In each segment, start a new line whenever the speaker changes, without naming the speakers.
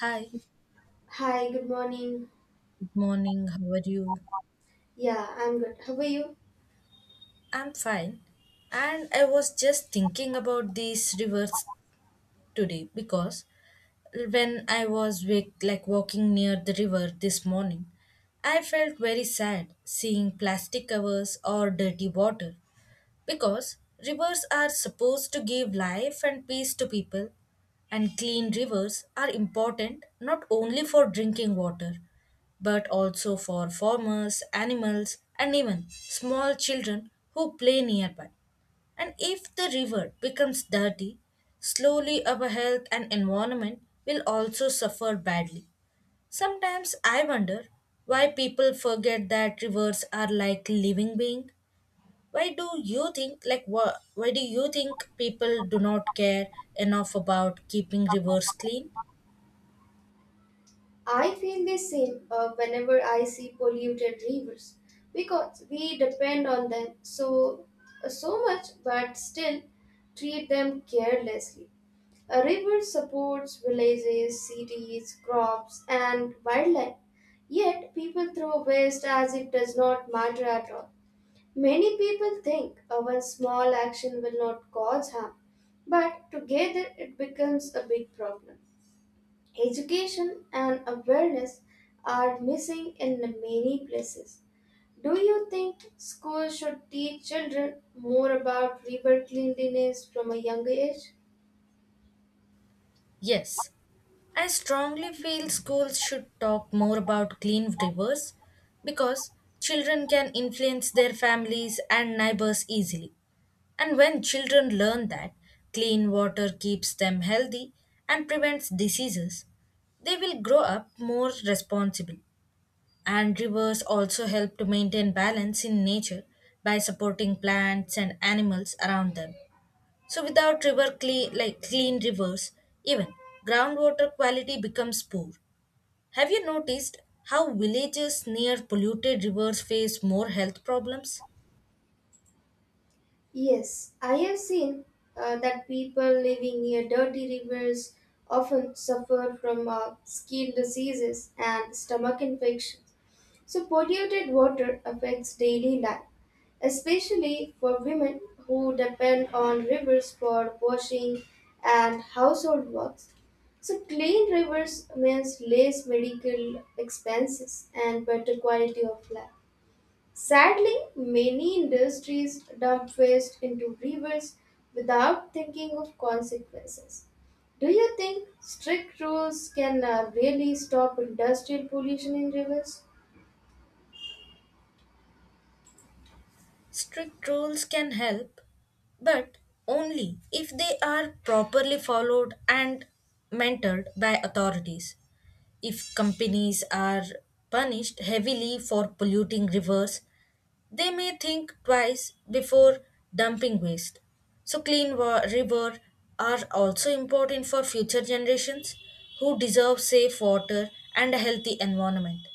Hi,
Hi, good morning.
Good morning, how are you?
Yeah, I'm good. How are you?
I'm fine. And I was just thinking about these rivers today because when I was wake, like walking near the river this morning, I felt very sad seeing plastic covers or dirty water. Because rivers are supposed to give life and peace to people, and clean rivers are important not only for drinking water, but also for farmers, animals, and even small children who play nearby. And if the river becomes dirty, slowly our health and environment will also suffer badly. Sometimes I wonder why people forget that rivers are like living beings. Why do you think why do you think people do not care enough about keeping rivers clean?
I feel the same whenever I see polluted rivers because we depend on them so much but still treat them carelessly. A river supports villages, cities, crops and wildlife. Yet people throw waste as it does not matter at all. Many people think a one small action will not cause harm, but together it becomes a big problem. Education and awareness are missing in many places. Do you think schools should teach children more about river cleanliness from a younger age?
Yes, I strongly feel schools should talk more about clean rivers because children can influence their families and neighbors easily. And when children learn that clean water keeps them healthy and prevents diseases, they will grow up more responsible. And rivers also help to maintain balance in nature by supporting plants and animals around them. So without river clean like clean rivers, even groundwater quality becomes poor. Have you noticed how villages near polluted rivers face more health problems?
Yes, I have seen that people living near dirty rivers often suffer from skin diseases and stomach infections. So, polluted water affects daily life, especially for women who depend on rivers for washing and household works. So, clean rivers means less medical expenses and better quality of life. Sadly, many industries dump waste into rivers without thinking of consequences. Do you think strict rules can really stop industrial pollution in rivers?
Strict rules can help, but only if they are properly followed and mentored by authorities. If companies are punished heavily for polluting rivers, they may think twice before dumping waste. So, river are also important for future generations who deserve safe water and a healthy environment.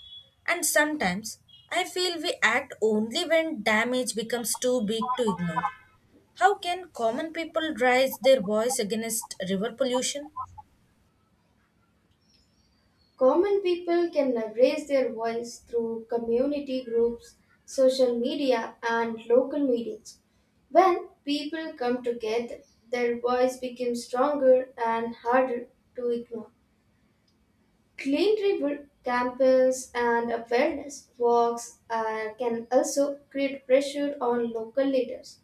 And sometimes I feel we act only when damage becomes too big to ignore. How can common people raise their voice against river pollution?
Common people can raise their voice through community groups, social media, and local meetings. When people come together, their voice becomes stronger and harder to ignore. Clean river campings and awareness walks can also create pressure on local leaders.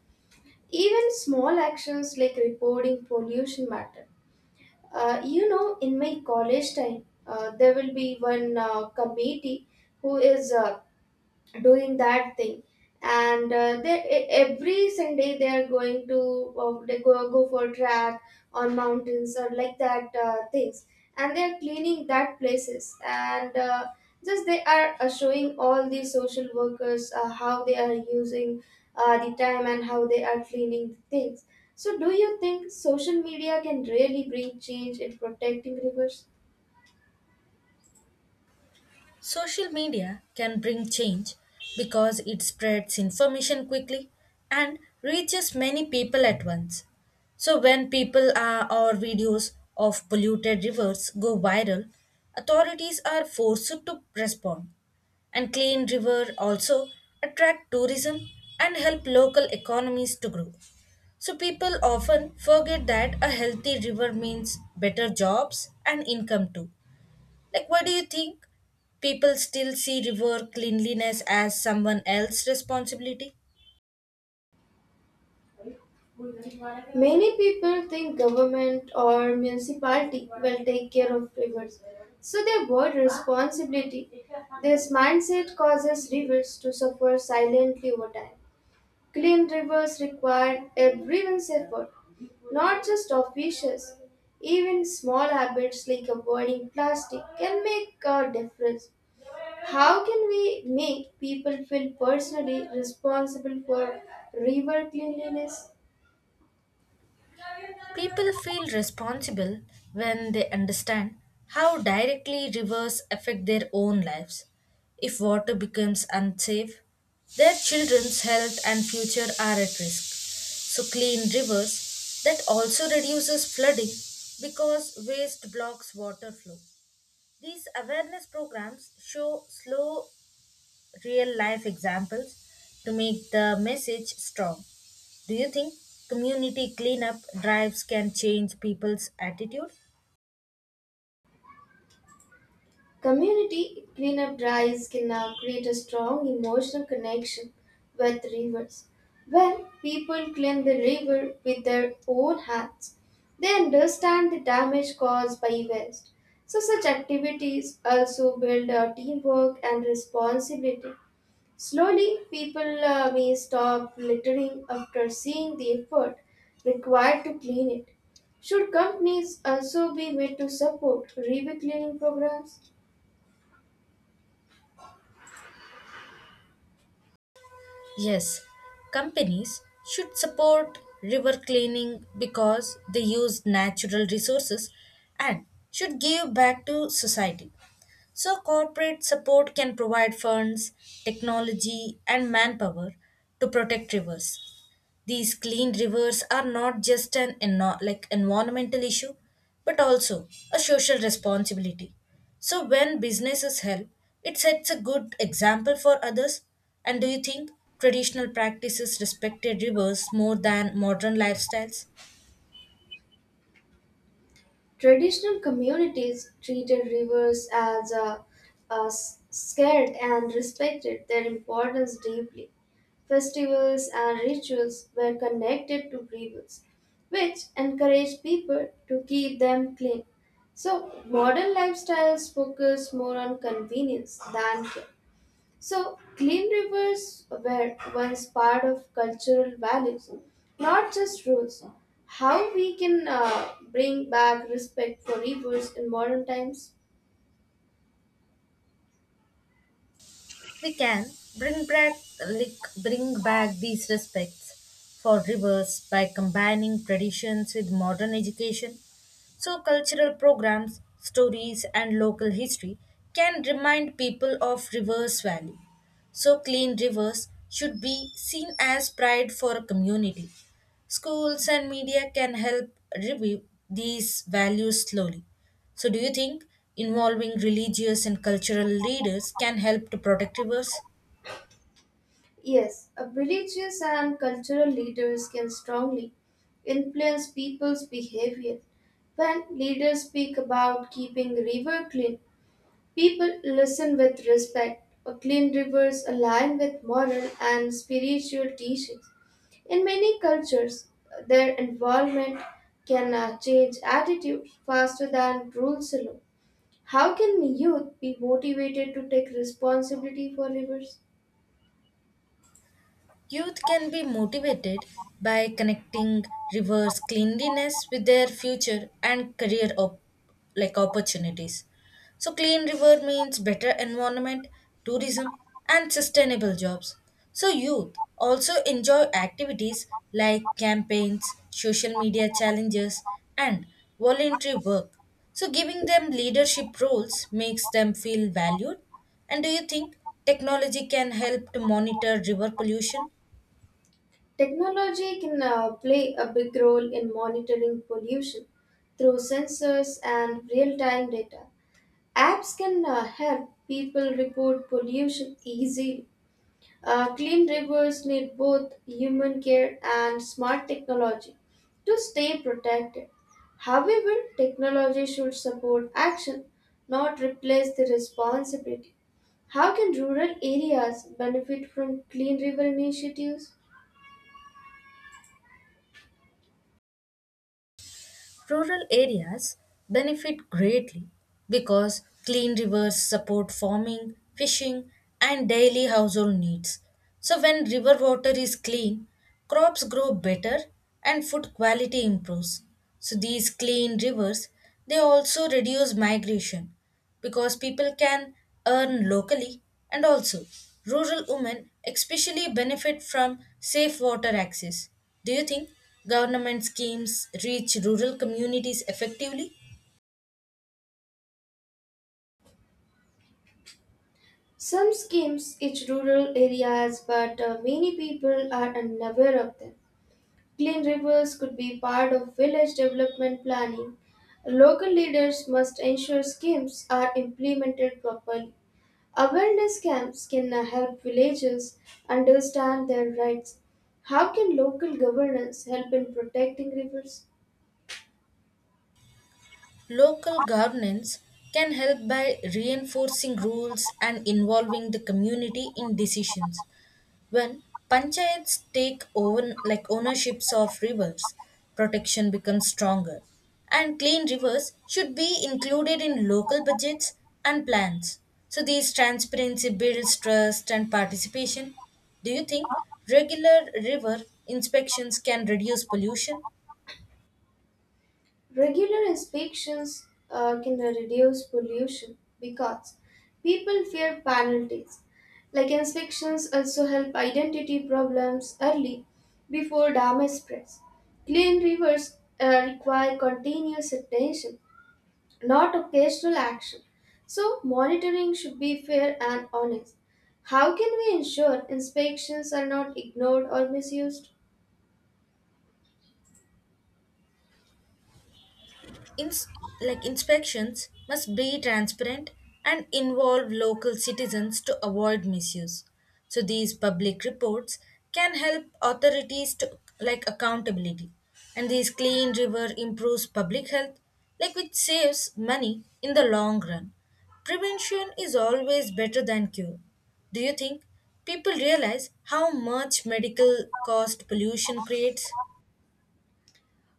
Even small actions like reporting pollution matter. In my college time, there will be one committee who is doing that thing and they every Sunday they are going to they go, go for track on mountains or like that things and they are cleaning that places and just they are showing all the social workers how they are using the time and how they are cleaning the things. So do you think social media can really bring change in protecting rivers?
Social media can bring change because it spreads information quickly and reaches many people at once. So when people are, or videos of polluted rivers go viral, authorities are forced to respond. And clean river also attract tourism and help local economies to grow. So people often forget that a healthy river means better jobs and income too. Like, what do you think? People still see river cleanliness as someone else's responsibility?
Many people think government or municipality will take care of rivers, so they avoid responsibility. This mindset causes rivers to suffer silently over time. Clean rivers require everyone's effort, not just officials. Even small habits like avoiding plastic can make a difference. How can we make people feel personally responsible for river cleanliness?
People feel responsible when they understand how directly rivers affect their own lives. If water becomes unsafe, their children's health and future are at risk. So, clean rivers that also reduces flooding because waste blocks water flow. These awareness programs show slow real life examples to make the message strong. Do you think community cleanup drives can change people's attitude?
Community cleanup drives can now create a strong emotional connection with rivers. When people clean the river with their own hands, they understand the damage caused by waste. So, such activities also build our teamwork and responsibility. Slowly, people may stop littering after seeing the effort required to clean it. Should companies also be made to support river cleaning programs?
Yes, companies should support river cleaning because they use natural resources and should give back to society. So, corporate support can provide funds, technology, and manpower to protect rivers. These clean rivers are not just an environmental issue, but also a social responsibility. So when businesses help, it sets a good example for others. And do you think traditional practices respected rivers more than modern lifestyles?
Traditional communities treated rivers as scared and respected their importance deeply. Festivals and rituals were connected to rivers, which encouraged people to keep them clean. So, modern lifestyles focus more on convenience than care. So, clean rivers were once part of cultural values, not just rules. How we can bring back respect for rivers in modern times?
We can bring back, bring back these respects for rivers by combining traditions with modern education. So, cultural programs, stories, and local history can remind people of rivers' value. So, clean rivers should be seen as pride for a community. Schools and media can help revive these values slowly. So, do you think involving religious and cultural leaders can help to protect rivers?
Yes, religious and cultural leaders can strongly influence people's behavior. When leaders speak about keeping river clean, people listen with respect. A clean rivers align with moral and spiritual teachings. In many cultures, their involvement can change attitude faster than rules alone. How can youth be motivated to take responsibility for rivers?
Youth can be motivated by connecting reverse cleanliness with their future and career op- like opportunities. So clean river means better environment, tourism and sustainable jobs. So youth also enjoy activities like campaigns, social media challenges and voluntary work. So giving them leadership roles makes them feel valued. And do you think technology can help to monitor river pollution?
Technology can play a big role in monitoring pollution through sensors and real time data. Apps can help people report pollution easily. Clean rivers need both human care and smart technology to stay protected. However, technology should support action, not replace the responsibility. How can rural areas benefit from clean river initiatives?
Rural areas benefit greatly because clean rivers support farming, fishing, and daily household needs. So, when river water is clean, crops grow better and food quality improves. So, these clean rivers they also reduce migration because people can earn locally, and also rural women especially benefit from safe water access. Do you think government schemes reach rural communities effectively?
Some schemes reach rural areas, but many people are unaware of them. Clean rivers could be part of village development planning. Local leaders must ensure schemes are implemented properly. Awareness camps can help villagers understand their rights. How can local governance help in protecting rivers?
Local governance can help by reinforcing rules and involving the community in decisions. When panchayats take over like ownerships of rivers, protection becomes stronger. And clean rivers should be included in local budgets and plans. So these transparency builds trust and participation. Do you think regular river inspections can reduce pollution?
Regular inspections can reduce pollution because people fear penalties. Like inspections also help identity problems early before damage spreads. Clean rivers require continuous attention, not occasional action. So monitoring should be fair and honest. How can we ensure inspections are not ignored or misused?
ins- Inspections must be transparent and involve local citizens to avoid misuse. So these public reports can help authorities to like accountability, and these clean river improves public health, like which saves money in the long run. Prevention is always better than cure. Do you think people realize how much medical cost pollution creates?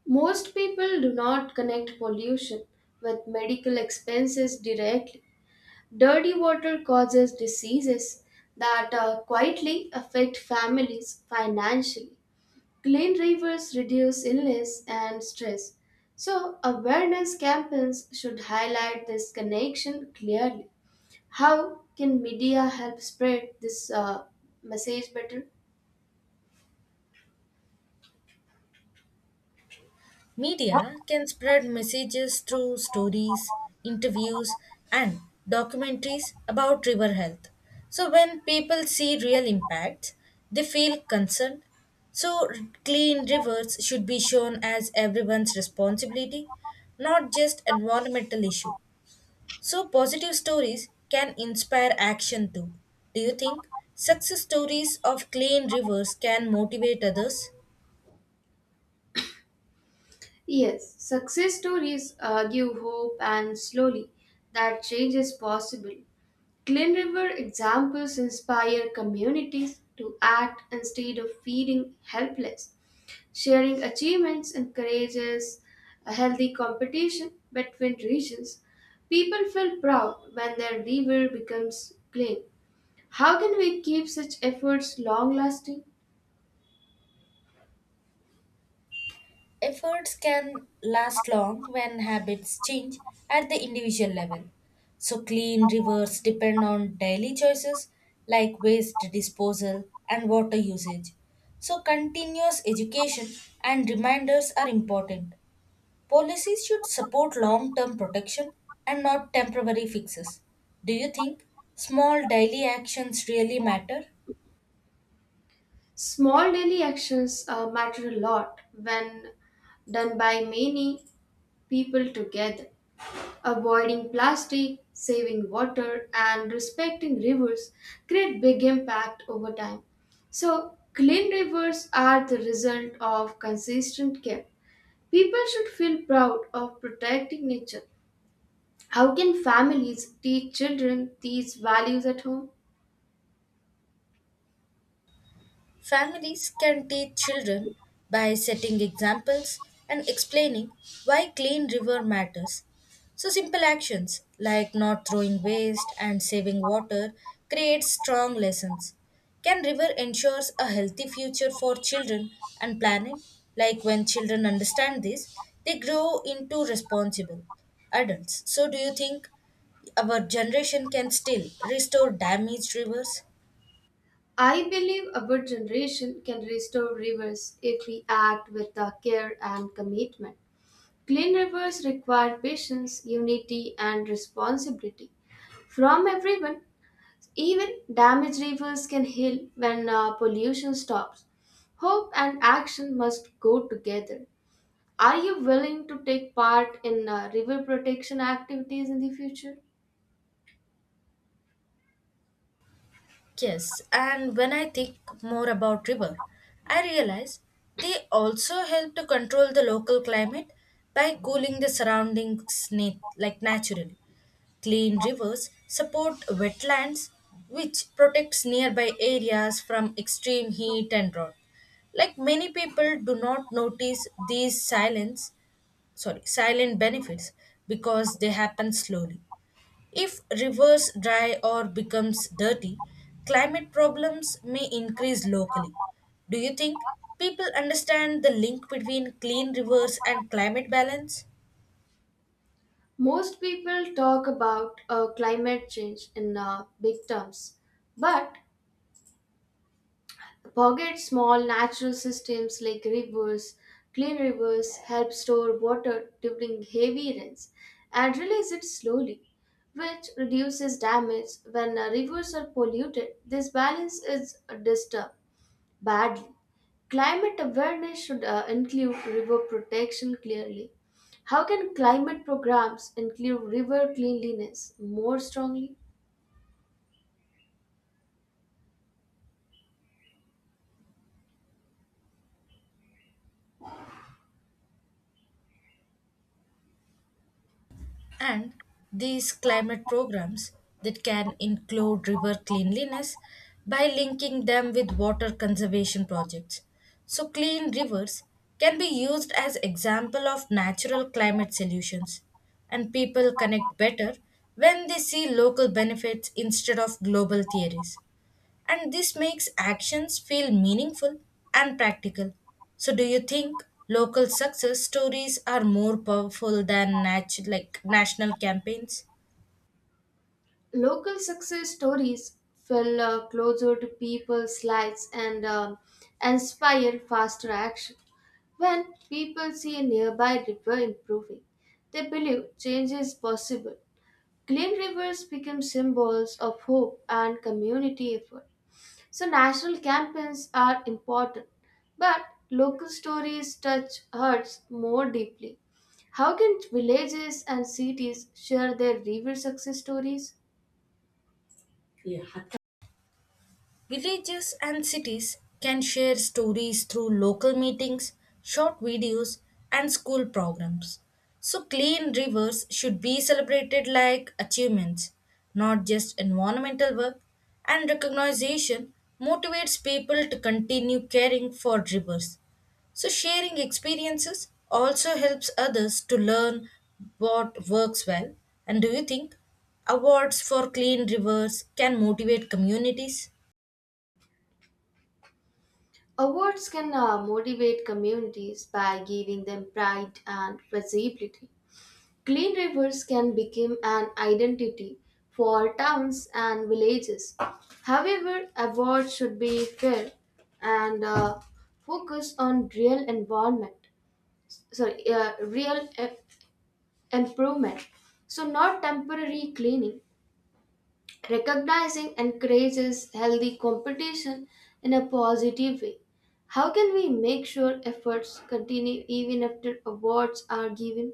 Most people do not connect pollution with medical expenses directly. Dirty water causes diseases that quietly affect families financially. Clean rivers reduce illness and stress. So, awareness campaigns should highlight this connection clearly. How can media help spread this message better?
Media can spread messages through stories, interviews, and documentaries about river health. So, when people see real impacts, they feel concerned. So, clean rivers should be shown as everyone's responsibility, not just environmental issue. So, positive stories can inspire action too. Do you think success stories of clean rivers can motivate others?
Yes, success stories give hope and slowly that change is possible. Clean River examples inspire communities to act instead of feeling helpless. Sharing achievements encourages a healthy competition between regions. People feel proud when their river becomes clean. How can we keep such efforts long lasting?
Efforts can last long when habits change at the individual level. So, clean rivers depend on daily choices like waste disposal and water usage. So, continuous education and reminders are important. Policies should support long term protection and not temporary fixes. Do you think small daily actions really matter?
Small daily actions matter a lot when done by many people together. Avoiding plastic, saving water, and respecting rivers create big impact over time. So, clean rivers are the result of consistent care. People should feel proud of protecting nature. How can families teach children these values at home?
Families can teach children by setting examples and explaining why clean river matters. So simple actions like not throwing waste and saving water create strong lessons. Can river ensures a healthy future for children and planet? Like when children understand this, they grow into responsible adults. So do you think our generation can still restore damaged rivers?
I believe our generation can restore rivers if we act with the care and commitment. Clean rivers require patience, unity, and responsibility from everyone. Even damaged rivers can heal when pollution stops. Hope and action must go together. Are you willing to take part in river protection activities in the future?
Yes, and when I think more about river, I realize they also help to control the local climate by cooling the surroundings naturally. Clean rivers support wetlands which protects nearby areas from extreme heat and drought. Like many people do not notice these silent benefits because they happen slowly. If rivers dry or becomes dirty, climate problems may increase locally. Do you think people understand the link between clean rivers and climate balance?
Most people talk about climate change in big terms, but forget small natural systems like rivers. Clean rivers help store water during heavy rains and release it slowly, which reduces damage when rivers are polluted. This balance is disturbed badly. Climate awareness should include river protection clearly. How can climate programs include river cleanliness more strongly?
And these climate programs that can include river cleanliness by linking them with water conservation projects. So clean rivers can be used as example of natural climate solutions, and people connect better when they see local benefits instead of global theories, and this makes actions feel meaningful and practical. So, do you think local success stories are more powerful than national campaigns?
Local success stories fell closer to people's lives and inspire faster action. When people see a nearby river improving, they believe change is possible. Clean rivers become symbols of hope and community effort. So, national campaigns are important, but local stories touch hearts more deeply. How can villages and cities share their river success stories?
Villages and cities can share stories through local meetings, short videos, and school programs. So, clean rivers should be celebrated like achievements, not just environmental work. And recognition motivates people to continue caring for rivers. So, sharing experiences also helps others to learn what works well. And do you think awards for clean rivers can motivate communities?
Awards can motivate communities by giving them pride and visibility. Clean rivers can become an identity for towns and villages. However, awards should be fair and focus on real environment, sorry, improvement. So, not temporary cleaning recognizing encourages healthy competition in a positive way. How can we make sure efforts continue even after awards are given?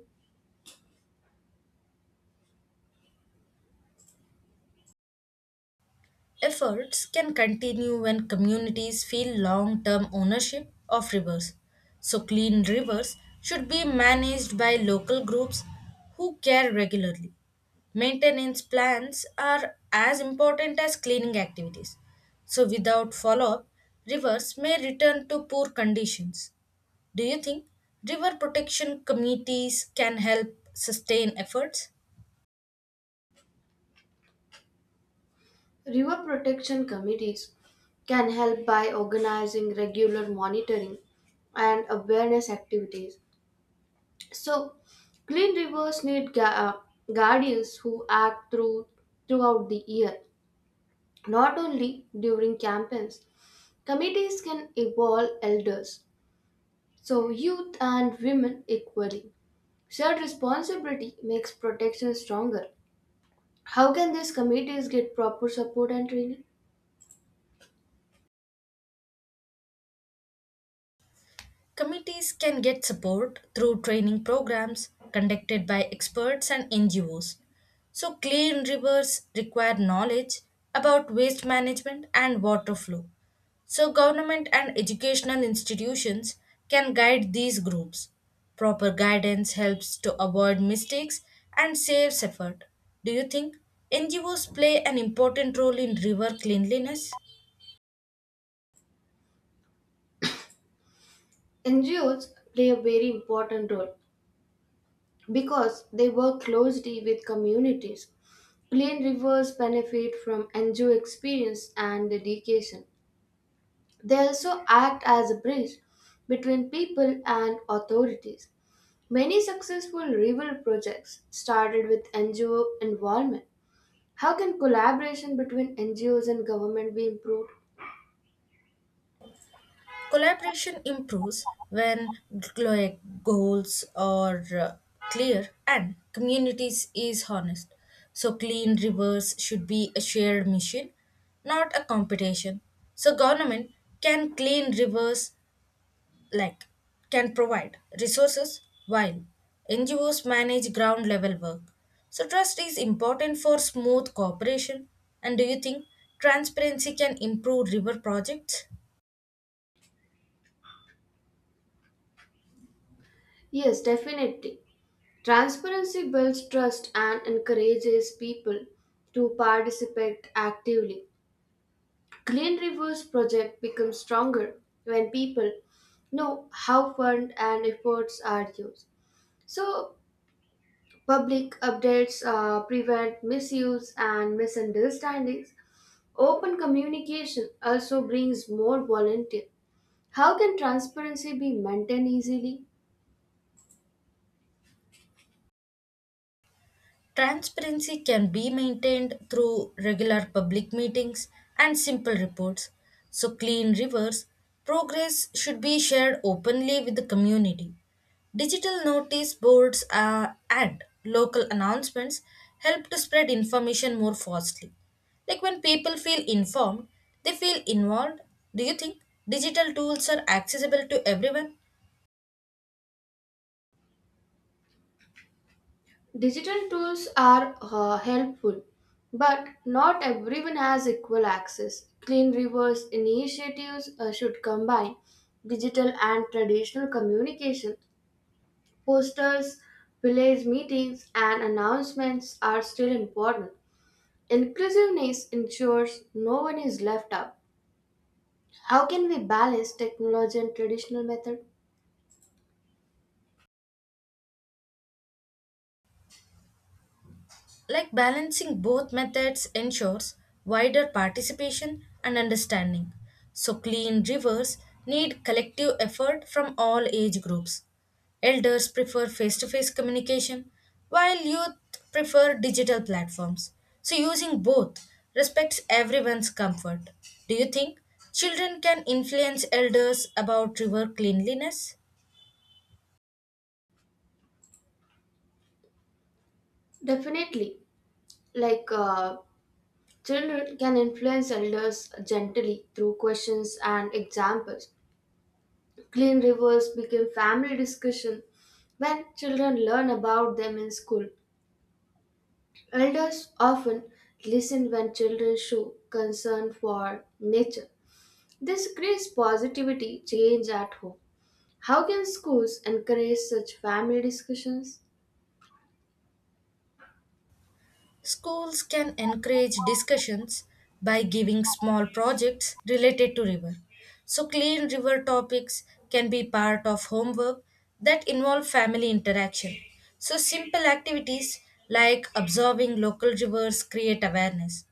Efforts can continue when communities feel long term ownership of rivers. So, clean rivers should be managed by local groups who care regularly. Maintenance plans are as important as cleaning activities. So, without follow up, rivers may return to poor conditions. Do you think river protection committees can help sustain efforts?
River protection committees can help by organizing regular monitoring and awareness activities. So, clean rivers need guardians who act throughout the year, not only during campaigns. Committees can involve elders. So, youth and women equally. Shared responsibility makes protection stronger. How can these committees get proper support and training?
Committees can get support through training programs conducted by experts and NGOs. So, clean rivers require knowledge about waste management and water flow. So, government and educational institutions can guide these groups. Proper guidance helps to avoid mistakes and saves effort. Do you think NGOs play an important role in river cleanliness?
NGOs play a very important role because they work closely with communities. Clean rivers benefit from NGO experience and dedication. They also act as a bridge between people and authorities. Many successful river projects started with NGO involvement. How can collaboration between NGOs and government be improved?
Collaboration improves when goals are clear and communities is honest. So clean rivers should be a shared mission, not a competition. So government can clean rivers like can provide resources while NGOs manage ground level work. So trust is important for smooth cooperation. And do you think transparency can improve river projects?
Yes, definitely. Transparency builds trust and encourages people to participate actively. Clean Rivers project becomes stronger when people know how fund and efforts are used. So public updates prevent misuse and misunderstandings. Open communication also brings more volunteer. How can transparency be maintained easily?
Transparency can be maintained through regular public meetings and simple reports. So, clean rivers progress should be shared openly with the community. Digital notice boards and local announcements help to spread information more fastly. Like when people feel informed, they feel involved. Do you think digital tools are accessible to everyone?
Digital tools are helpful, but not everyone has equal access. Clean rivers initiatives should combine digital and traditional communication. Posters, village meetings, and announcements are still important. Inclusiveness ensures no one is left out. How can we balance technology and traditional method?
Like balancing both methods ensures wider participation and understanding. So, clean rivers need collective effort from all age groups. Elders prefer face to face communication, while youth prefer digital platforms. So, using both respects everyone's comfort. Do you think children can influence elders about river cleanliness?
Definitely. Like uh, Children can influence elders gently through questions and examples. Clean rivers became family discussion when children learn about them in school. Elders often listen when children show concern for nature. This creates positivity change at home. How can schools encourage such family discussions?
Schools can encourage discussions by giving small projects related to river. So clean river topics can be part of homework that involve family interaction. So simple activities like observing local rivers create awareness.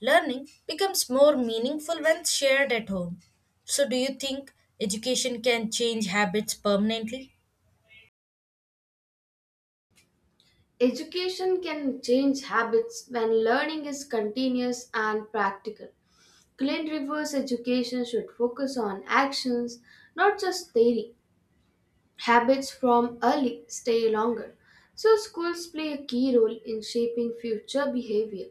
Learning becomes more meaningful when shared at home. So do you think education can change habits permanently?
Education can change habits when learning is continuous and practical. Clean reverse education should focus on actions, not just theory. Habits from early stay longer. So, schools play a key role in shaping future behavior.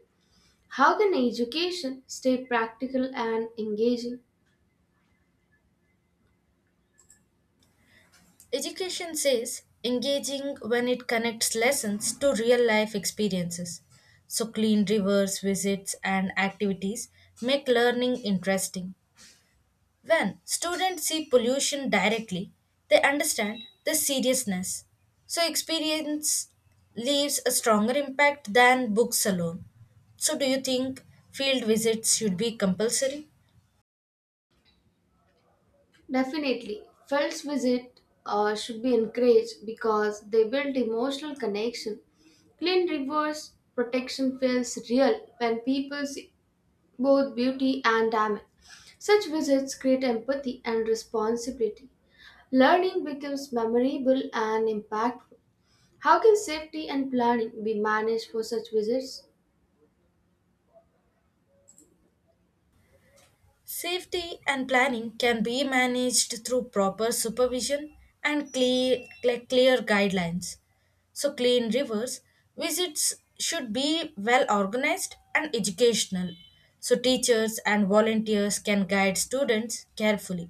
How can education stay practical and engaging?
Education says engaging when it connects lessons to real life experiences. So, clean rivers, visits, and activities make learning interesting. When students see pollution directly, they understand the seriousness. So, experience leaves a stronger impact than books alone. So, do you think field visits should be compulsory?
Definitely. Fell's visit should be encouraged because they build emotional connection. Clean rivers protection feels real when people see both beauty and damage. Such visits create empathy and responsibility. Learning becomes memorable and impactful. How can safety and planning be managed for such visits?
Safety and planning can be managed through proper supervision and clear guidelines. So, clean rivers visits should be well organized and educational. So, teachers and volunteers can guide students carefully.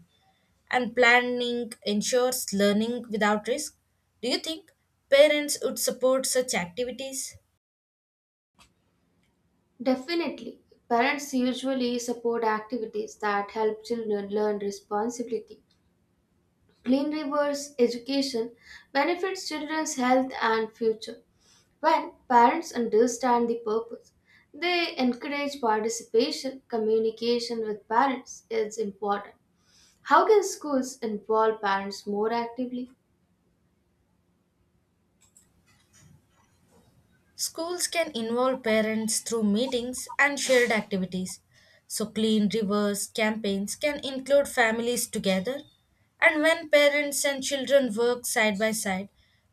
And planning ensures learning without risk. Do you think parents would support such activities?
Definitely. Parents usually support activities that help children learn responsibility. Clean rivers education benefits children's health and future. When parents understand the purpose, they encourage participation. Communication with parents is important. How can schools involve parents more actively?
Schools can involve parents through meetings and shared activities. So, clean rivers campaigns can include families together. And when parents and children work side by side,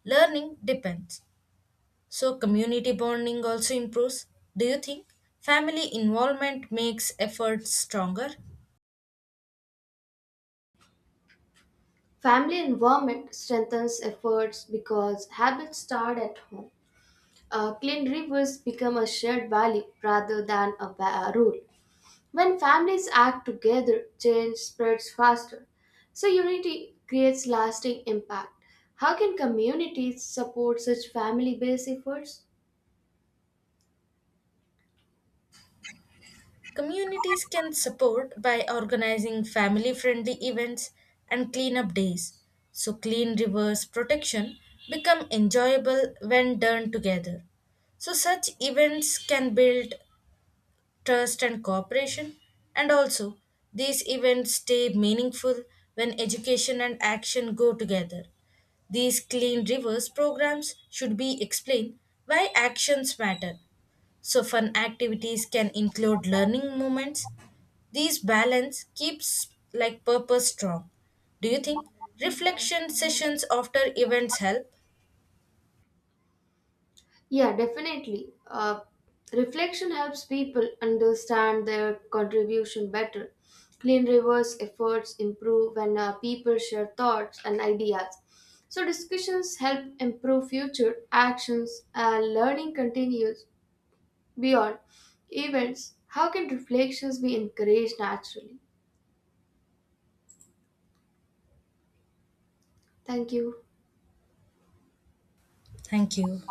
learning depends. So, community bonding also improves. Do you think family involvement makes efforts stronger?
Family involvement strengthens efforts because habits start at home. Clean rivers become a shared value rather than a rule. When families act together, change spreads faster. So, unity creates lasting impact. How can communities support such family based efforts?
Communities can support by organizing family friendly events and cleanup days. So clean rivers protection become enjoyable when done together. So such events can build trust and cooperation, and also these events stay meaningful when education and action go together. These clean rivers programs should be explained why actions matter, so fun activities can include learning moments. These balance keeps like purpose strong. Do you think reflection sessions after events help?
Yeah, definitely. Reflection helps people understand their contribution better. Clean River's efforts improve when people share thoughts and ideas. So, discussions help improve future actions and learning continues beyond events. How can reflections be encouraged naturally? Thank you.
Thank you.